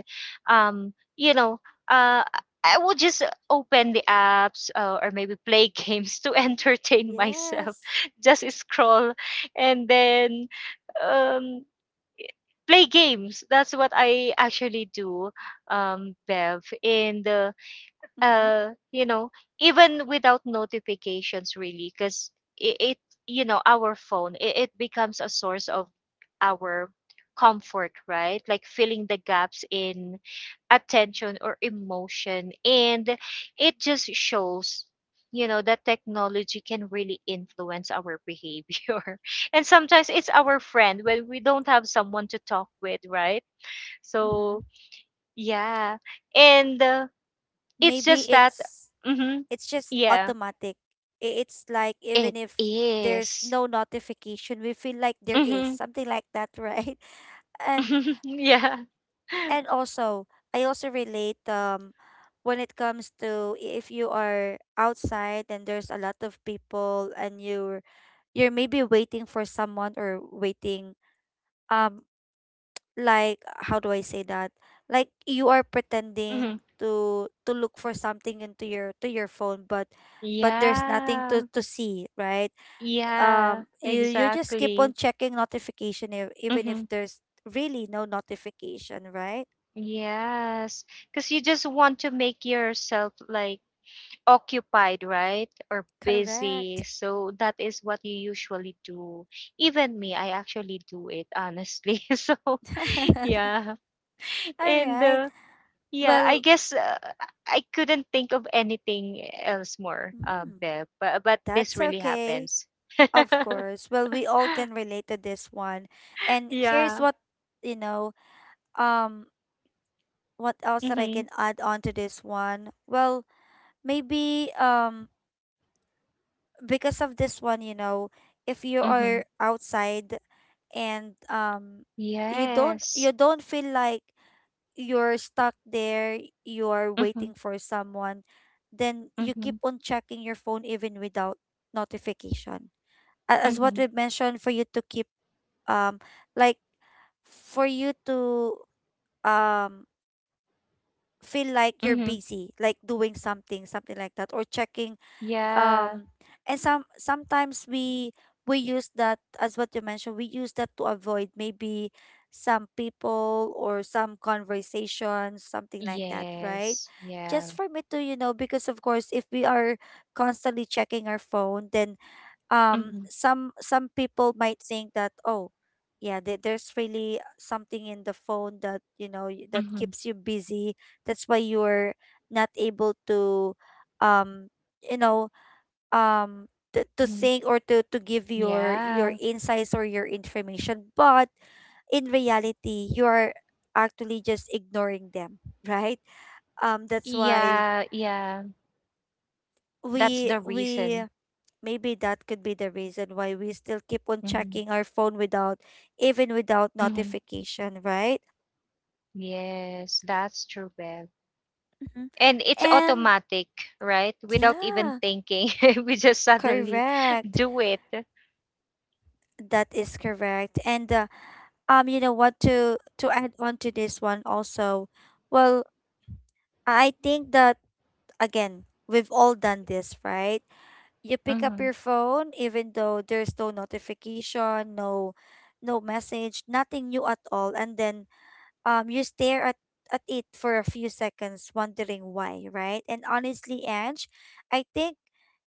um, you know, uh I would just open the apps, uh, or maybe play games to (laughs) entertain myself. Yes. Just scroll, and then um play games. That's what I actually do, um, Bev. And uh, Mm-hmm. Uh you know, even without notifications, really, because it, it you know, our phone, it, it becomes a source of our comfort, right, like filling the gaps in attention or emotion. And it just shows, you know, that technology can really influence our behavior (laughs) and sometimes it's our friend when we don't have someone to talk with, right? So Mm-hmm. yeah. and uh, It's Maybe just that it's mhm, it's just yeah. automatic. I- It's like It even if there's is. no notification, we feel like there is Mhm. something like that, right? (laughs) And (laughs) Yeah. and also, I also relate um when it comes to i- if you are outside and there's a lot of people and you're you're maybe waiting for someone, or waiting, um like, how do I say that? Like you are Hmm. pretending to to look for something into your to your phone, but but there's nothing to Yeah. to see, right? Yeah. Um, you you just keep on Exactly. checking notification if, even if Hmm. there's really no notification, right? Yes. Because you just want to make yourself like occupied, right? Or busy. Correct. So that is what you usually do. Even me, I actually do it, honestly. (laughs) So, (laughs) yeah. All And right. uh, Yeah, I Well, guess uh, I couldn't think of anything else more, uh, mm, Beb, but, but that's this really okay. happens. Of (laughs) course. Well, we all can relate to this one. And here's Yeah. what you know. Um, what else that I Mm-hmm. can add on to this one? Well, maybe um because of this one, you know, if you Mm-hmm. are outside and um you don't Yes. you don't feel like you're stuck there, you're Mm-hmm. waiting for someone, then you keep Mm-hmm. on checking your phone even without notification. A- As Mm-hmm. what we mentioned, for you to keep, um like, for you to um feel like you're Mm-hmm. busy, like doing something, something like that, or checking, Yeah. um and some sometimes we we use that, as what you mentioned, we use that to avoid maybe some people or some conversations, something like that, right? Yes. Yeah. Just for me to you know because, of course, if we are constantly checking our phone, then um Mm-hmm. some some people might think that, oh yeah, there, there's really something in the phone that you know y- that Mm-hmm. keeps you busy, that's why you're not able to um you know um to, to Mm-hmm. think or to to give your your Yeah. insights or your information, but in reality you are actually just ignoring them, (laughs) right. Um that's why Yeah. Yeah. That's we the we reason. maybe that could be the reason why we still keep on Mm-hmm. checking our phone without, even without Mm-hmm. notification, right? Yes, that's true, Bev. Mhm. And it's And automatic, right, without even yeah, thinking. (laughs) We just suddenly correct. do it. That is correct. And uh, um, you know what to to add on to this one also. Well, I think that again, we've all done this, right? You pick up Mm-hmm. your phone even though there's no notification, no no message, nothing new at all, and then um, you stare at, at it for a few seconds, wondering why, right? And honestly, Ange, I think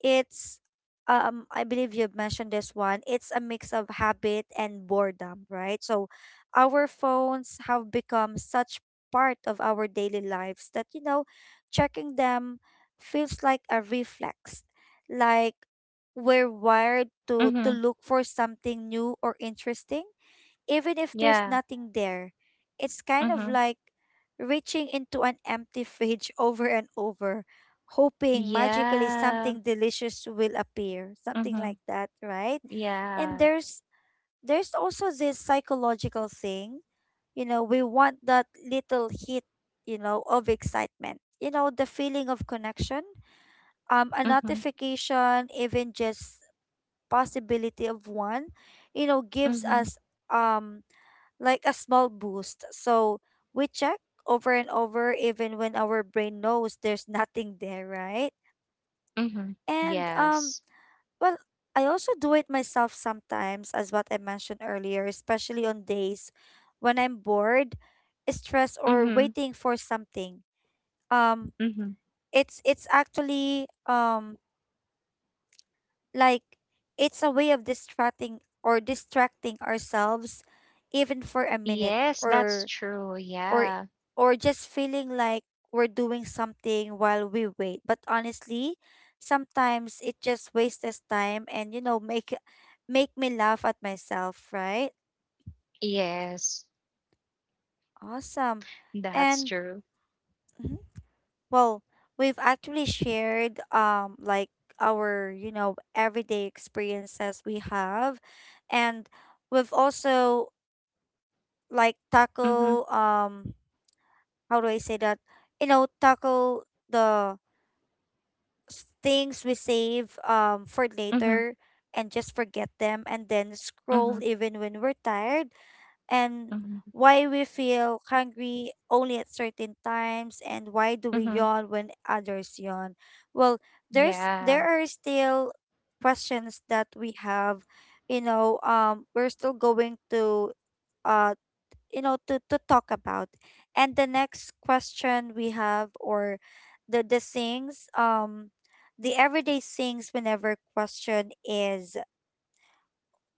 it's um I believe you've mentioned this one. It's a mix of habit and boredom, right? So our phones have become such part of our daily lives that, you know, checking them feels like a reflex. Like we're wired to Mm-hmm. to look for something new or interesting, even if there's Yeah. nothing there. It's kind of Mm-hmm. like reaching into an empty fridge, (laughs) over and over, hoping magically Yeah. something delicious will appear, something Mm-hmm. like that, right? And Yeah. there's there's also this psychological thing, you know, we want that little hit, you know, of excitement. You know, the feeling of connection, um a Mm-hmm. notification, even just possibility of one, you know, gives Mm-hmm. us um like a small boost. So we check over and over, even when our brain knows there's (laughs) nothing there, right? Mm-hmm. And Yes. um well, I also do it myself sometimes, as what I mentioned earlier, especially on days when I'm bored, stressed, Mm-hmm. or waiting for something. Um Mm-hmm. it's it's actually, um like, it's a way of distracting or distracting ourselves, even for a minute, Yes, that's or true, or yeah. or just feeling like we're doing something while we wait. But honestly, sometimes it just wastes us time, and you know make make me laugh at myself, right? Yes, Awesome. that's And true. mhm, well, we've actually shared um like our, you know, everyday experiences we have, and we've also, like, Mm-hmm. tackle um how do I say that? You know, tackle the s- things we save um for Mm-hmm. later, and just forget them, and then Mm-hmm. scroll even when we're tired, and Mm-hmm. why we feel hungry only at certain times, and why do we Mm-hmm. yawn when others yawn. Well, there's Yeah. there are still questions that we have, you know um we're still going to, uh you know to to talk about, and the next question we have, or the the things, um the everyday things whenever question is,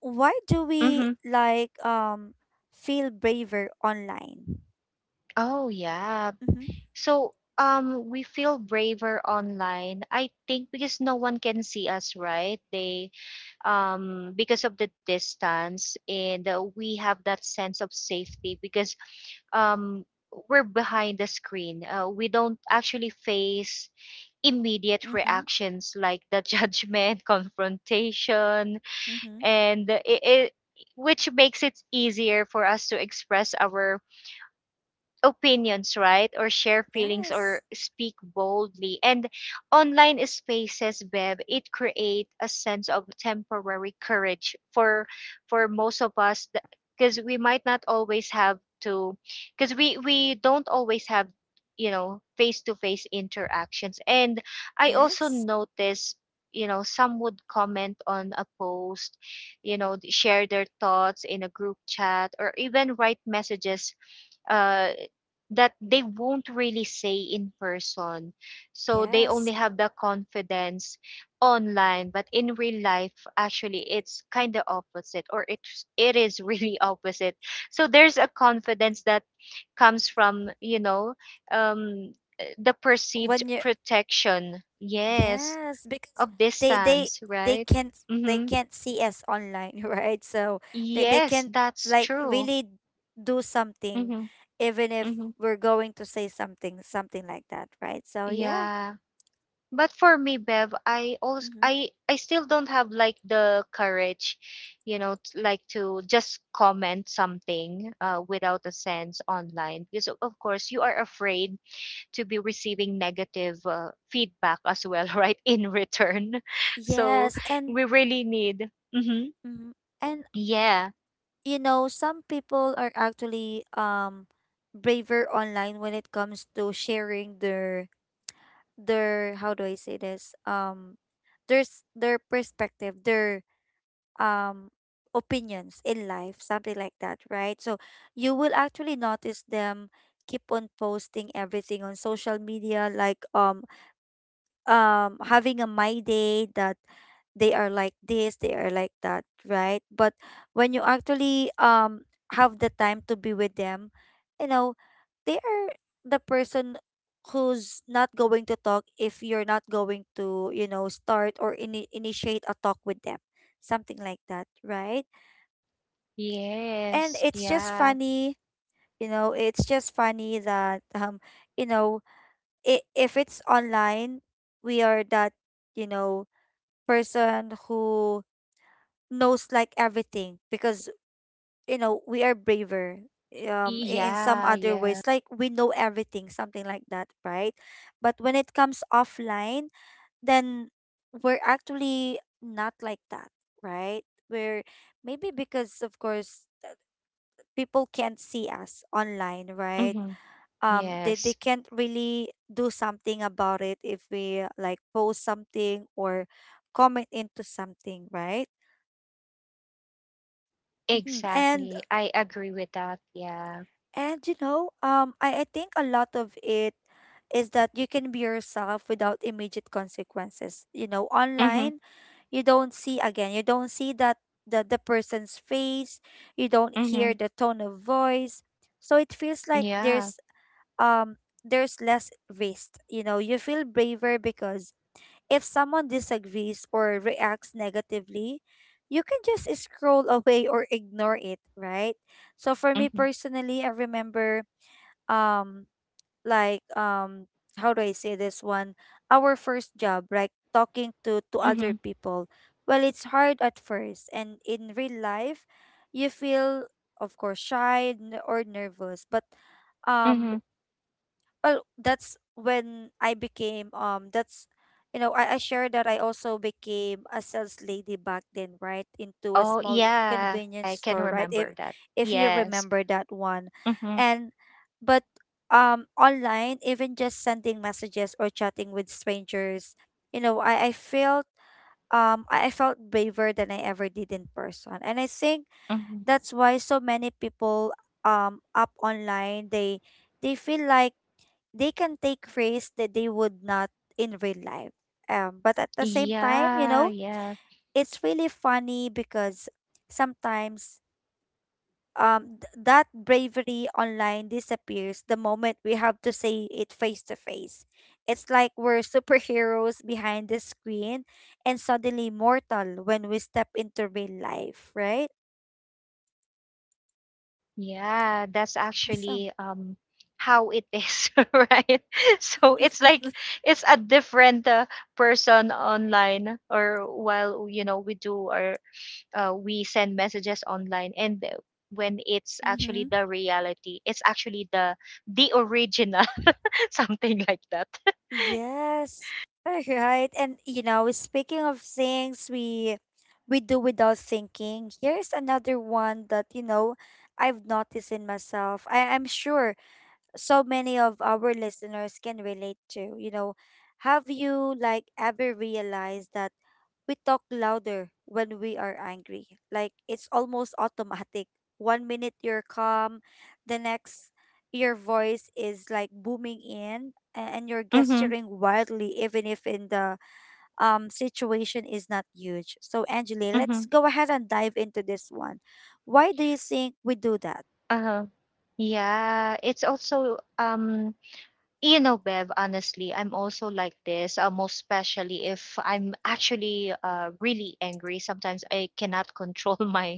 why do we, Mm-hmm. like, um feel braver online? Oh, yeah. Mm-hmm. So um we feel braver online, I think because no one can see us, right? They um because of the distance, and uh, we have that sense of safety because um we're behind the screen. Uh, we don't actually face immediate Mm-hmm. reactions like the (laughs) judgment, confrontation, Mm-hmm. and it, it which makes it easier for us to express our opinions, right? Or share feelings, or Yes. speak boldly. And online spaces, Bev, it create a sense of temporary courage for for most of us, because we might not always have to, because we we don't always have, you know, face to face interactions. And I also Yes. notice, you know, some would comment on a post, you know, th- share their thoughts in a group chat, or even write messages uh that they won't really say in person. So they Yes. only have the confidence online, but in real life, actually, it's kind of opposite, or it it is (laughs) really opposite. So there's a confidence that comes from, you know, um, uh, the perceived when you protection, yes, Yes, because of they they distance, they right? can't, they Mm-hmm. can't see us online, (laughs) right? So they they Yes, can, that's like, true. really do something, Mm-hmm. even if Mm-hmm. we're going to say something, something like that, right? So yeah. Yeah. But for me, Bev, I also Mm-hmm. i i still don't have like the courage, you know, t- like to just comment something uh, without a sense online, because o- of course you are afraid to be receiving negative uh, feedback as well, (laughs) right, in return. (laughs) So Yes, and we really need hmm. mhm, and Yeah. you know, some people are actually um braver online when it comes to sharing their their how do I say this? Um there's their perspective, their um opinions in life, something like that, right? So you will actually notice them keep on posting everything on social media, like um um having a my day, that they are like this, they are like that, right? But when you actually um have the time to be with them, you know, they are the person who's not going to talk if you're not going to, you know, start or ini initiate a talk with them. Something like that, right? And Yes, it's just yeah. funny, you know, it's just funny that um, you know, i- if it's online, we are that, you know, person who knows, like, everything, because you know we are braver, um i- in some Yeah. other ways, Yeah. like we know everything, something like that, right? But when it comes offline, then we're actually not like that, right? we're Maybe because, of course, people can't see us online, right? Hmm. um they, they Yes, can't really do something about it if we, like, post something or comment into something, right? Mhm. And exactly, I agree with that, yeah. and you know, um, I, I think a lot of it is that you can be yourself without immediate consequences. You know, Hmm. online you don't see, again, you don't see that the, the person's face, you don't Hmm. hear the tone of voice. So it feels like Yeah. there's um there's less risk. You know, you feel braver because, if someone disagrees or reacts negatively, you can just scroll (laughs) away or ignore it, right? So for me Mm-hmm. personally, I remember um like um how do I say this one? Our first job, like talking to to Mm-hmm. other people. Well, it's hard at first and in real life, you feel of course shy n- or nervous, but um Mm-hmm. well that's when i became um that's you know I, I shared that I also became a sales lady back then, right? Into a Oh, small yeah. convenience I can store, right? if remember that. if you Yes. remember that one. Mm-hmm. And but um online even just sending messages or chatting with strangers, you know, i i felt um i I felt braver than I ever did in person. And I think Mm-hmm. that's why so many people um up online, they they feel like they can take risks that they would not in real life. Um, but at the same time, you Yeah, know, yeah. it's really funny because sometimes um, th- that bravery online disappears the moment we have to say it face to face. It's like we're (laughs) superheroes behind the screen and suddenly mortal when we step into real life, right? Yeah, that's Awesome. actually um how it is, (laughs) right? (laughs) So (laughs) it's like it's a different uh, person online, or while, you know, we do, or uh, we send messages online, and uh, when it's actually Mm-hmm. the reality, it's actually the the original (laughs) something like that. (laughs) Yes. All right. And you know, speaking of things we we do without thinking, here's another one that, you know, I've noticed in myself. I, I'm sure so many of our listeners can relate to. You know, have you like ever realized that we talk louder when we are angry? Like it's almost automatic. One minute you're calm, the next your voice is like booming in a- and you're Mhm, gesturing wildly, even if in the um situation is not huge. So Angeli, mhm. let's go ahead and dive into this one. Why do you think we do that? Uh-huh. Yeah, it's also um you know, Bev, honestly, I'm also like this, uh, most especially if I'm actually uh, really angry. Sometimes I cannot control (laughs) my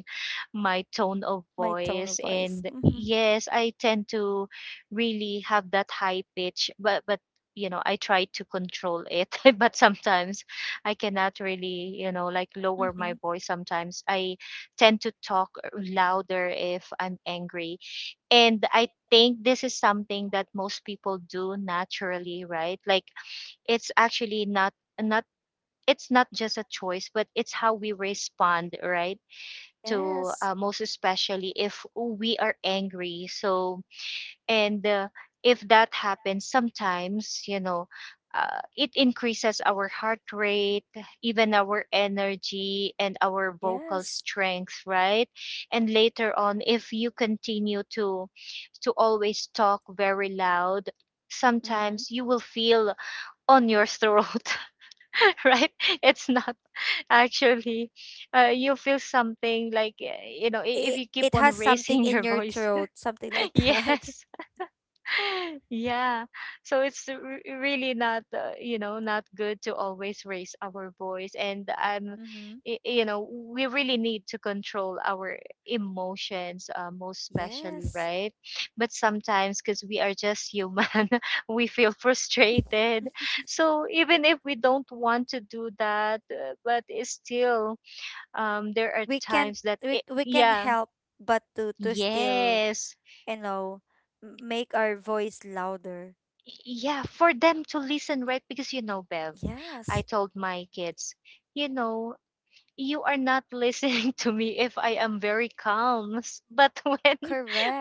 my tone of My tone voice, of voice. and Mhm. yes, I tend to really have that high pitch, but but you know, I try to control it, (laughs) but sometimes I cannot really, you know, like lower Mhm. my voice. Sometimes I tend to talk louder if I'm angry, and I think this is something that most people do naturally, right? Like it's actually not not it's not just a choice, but it's how we respond, right? To, Yes. uh, most especially if we are angry. So, and uh, if that happens sometimes, you know, uh, it increases our heart rate, even our energy and our vocal Yes. strength, right? And later on, if you continue to to always talk very loud, Mhm. sometimes you will feel on your throat, (laughs) right? It's not actually, uh, you feel something like, uh, you know, i- if It, you keep it on has something raising in your your voice. throat, something like (laughs) that. (laughs) Yes. (laughs) Yeah. So it's r- really not, uh, you know, not good to always raise our voice. And um, Mhm. y- you know, we really need to control our emotions, uh, most especially, Yes. right? But sometimes, because we are just human, (laughs) we feel frustrated. So even if we don't want to do that, uh, but it's still, um, there are We can times that we, it, we can yeah. help but to to still, Yes. you know, m- make our voice louder. Yeah, for them to listen, right? Because you know, Bev, I Yes. told my kids, you know, you are not listening (laughs) to me if I am very calm. S- But (laughs) when,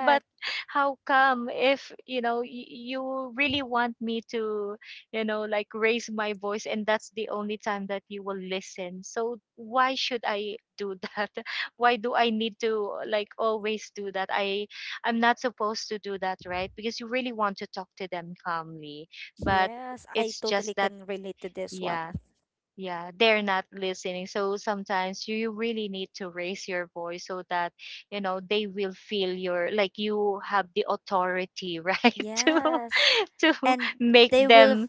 but how come if, you know, y- you really want me to, you know, like raise my voice, and that's the only time that you will listen. So why should I do that? (laughs) Why do I need to like always do that? I, I'm not supposed to do that, right? Because you really want to talk to them calmly, but Yes, I it's just totally that, can relate to this one. yeah, yeah, they're not listening, so sometimes you really need to raise your voice so that, you know, they will feel your, like you have the authority (laughs) right to Yes. to And make they will f- them,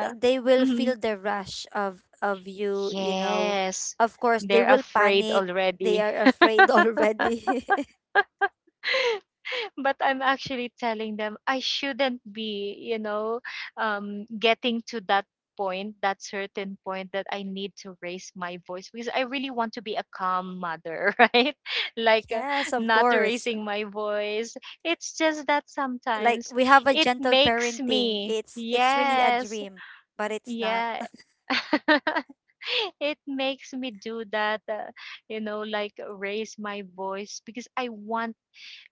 th- they will Hmm. feel the rush of of you, you know. Yes, Of course, they they're will afraid panic. They already. are afraid (laughs) (laughs) already. (laughs) But I'm actually telling them I shouldn't be, you know, um, getting to that point, that certain point that I need to raise my voice, because I really want to be a calm mother, (laughs) right? Like, uh, Yes, of not course. raising my voice. It's just that Like sometimes we have a it gentle makes parenting. me, It's it's really a yes, dream, but it's not. yeah. (laughs) It makes me do that, uh, you know, like raise my voice because I want,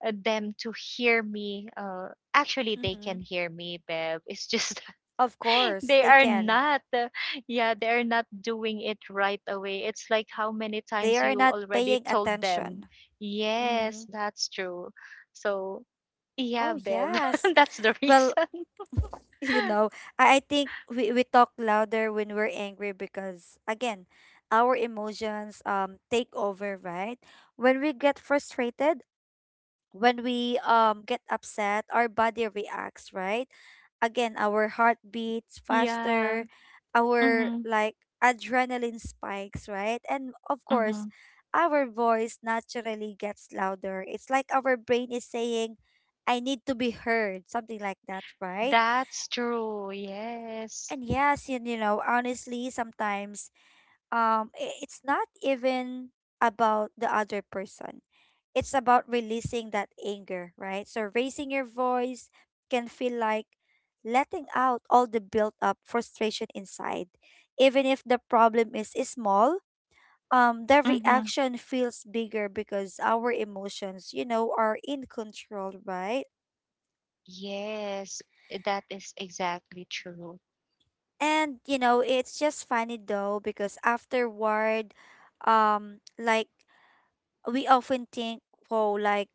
uh, them to hear me. Uh, actually, they Mm-hmm. can hear me, Bev. It's just Of (laughs) course, they they are can. not, uh, yeah, they are not doing it right away. It's like how many They times are you not already paying told them, attention. yes, Mm-hmm. that's true. So, yeah, Oh Bev, yes. (laughs) that's the Well, reason. (laughs) (laughs) you know, I, I think we, we talk louder when we're angry because, again, our emotions um take over, right? When we get frustrated, when we um get upset, our body reacts, right? Again, our heart beats Yeah. faster, our Mm-hmm. like adrenaline spikes, right? And of course, Mm-hmm. our voice naturally gets louder. It's like our brain is saying, I need to be heard, something like that, right? That's true. Yes. And yes, you, you know, honestly, sometimes um i- it's not even about the other person, it's about releasing that anger, right? So raising your voice can feel like letting out all the built up frustration inside. Even if the problem is small, um, the Mm-hmm. reaction feels bigger because our emotions, you know, are in control, right? Yes. That is exactly true. And you know, it's just funny though because afterward, um, like we often think, oh, like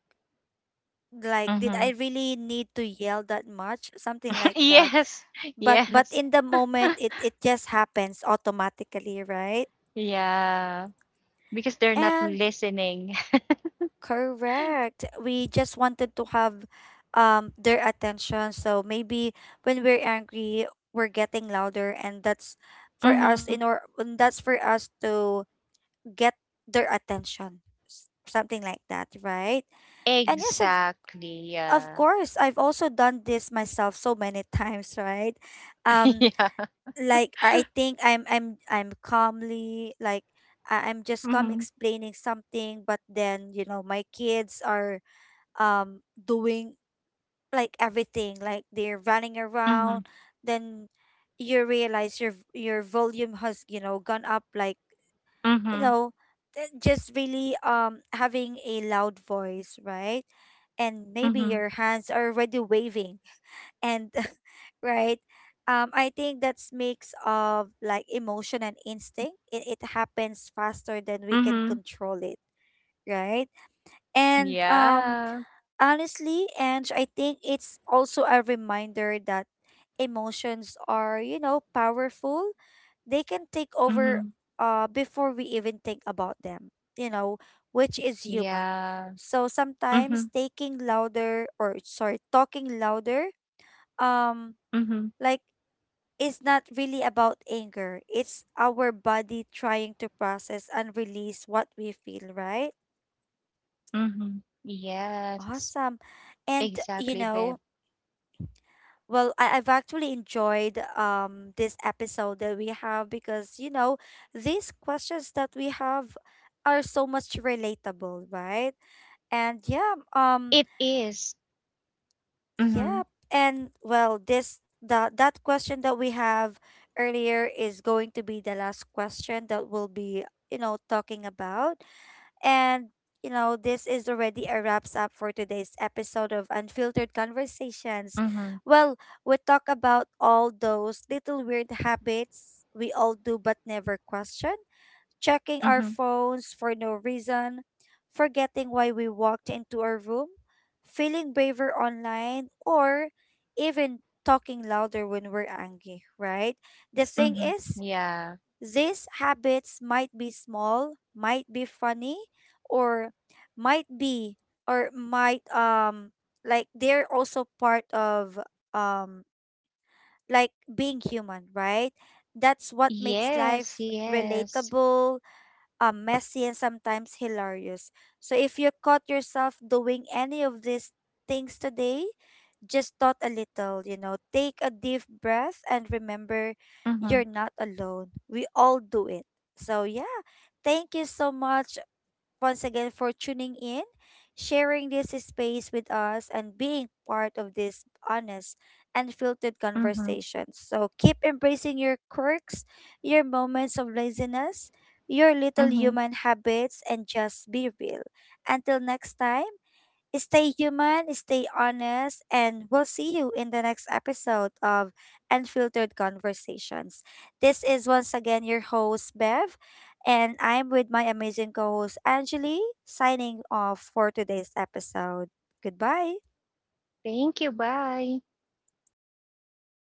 like did Mm-hmm. I really need to yell that much? Something (laughs) like that. Yes. but but Yes. in the moment it it just happens automatically, right? Yeah, because they're not And listening. (laughs) correct, we just wanted to have um their attention, so maybe when we're angry we're getting louder, and that's for Mm-hmm. us in or and that's for us to get their attention, s- something like that, right? And yes of Exactly. of Yeah. course I've also done this myself so many (laughs) times, right? (laughs) Um Yeah. like I think I'm I'm I'm calmly like I- I'm just calm Mm-hmm. explaining something, but then you know my kids are um doing like everything, like they're running Mm-hmm. around. Then you realize your your volume has you know gone up, like you Mm-hmm. know th- just really um having a loud voice, right? And maybe Mm-hmm. your hands are already waving and (laughs) right. Um I think that's mix of like emotion and instinct, it, it happens faster than we Mm-hmm. can control it, right? And Yeah. um honestly, and I think it's also a reminder that emotions are you know powerful, they can take Mm-hmm. over uh before we even think about them, you know, which is human. Yeah. So Mm-hmm. sometimes taking louder, or sorry, talking louder um Mm-hmm. like is not really about anger. It's our body trying to process and release what we feel, right? Mm-hmm. Yes. Awesome. And Exactly, you babe. know, well, I, I've actually enjoyed um this episode that we have because you know, these questions that we have are so much relatable, right? And yeah, It um is. Mm-hmm. Yep. And well, this the that question that we have earlier is going to be the last question that we'll be, you know, talking about. And you know, this is already a wraps up for today's episode of Unfiltered Conversations. Mm-hmm. Well, we talk about all those little weird habits we all do but never question: checking Mm-hmm. our phones for no reason, forgetting why we walked into a room, feeling braver online, or even talking louder when we're angry, right? The thing Mm-hmm. is, Yeah. these habits might be small, might be funny, or might be or might um like they're also part of um like being human, right? That's what makes Yes. life Yes. relatable, um, messy and sometimes hilarious. So if you caught yourself doing any of these things today, just thought a little, you know, take a deep breath and remember Mm-hmm. you're not alone. We all do it. So yeah, thank you so much once again for tuning in, sharing this space with us, and being part of this honest and filtered Mm-hmm. conversation. So keep embracing your quirks, your moments of laziness, your little Mm-hmm. human habits, and just be real. Until next time, stay human, stay honest, and we'll see you in the next episode of Unfiltered Conversations. This is once again your host, Bev, and I'm with my amazing co host, Angeli, signing off for today's episode. Goodbye. Thank you. Bye.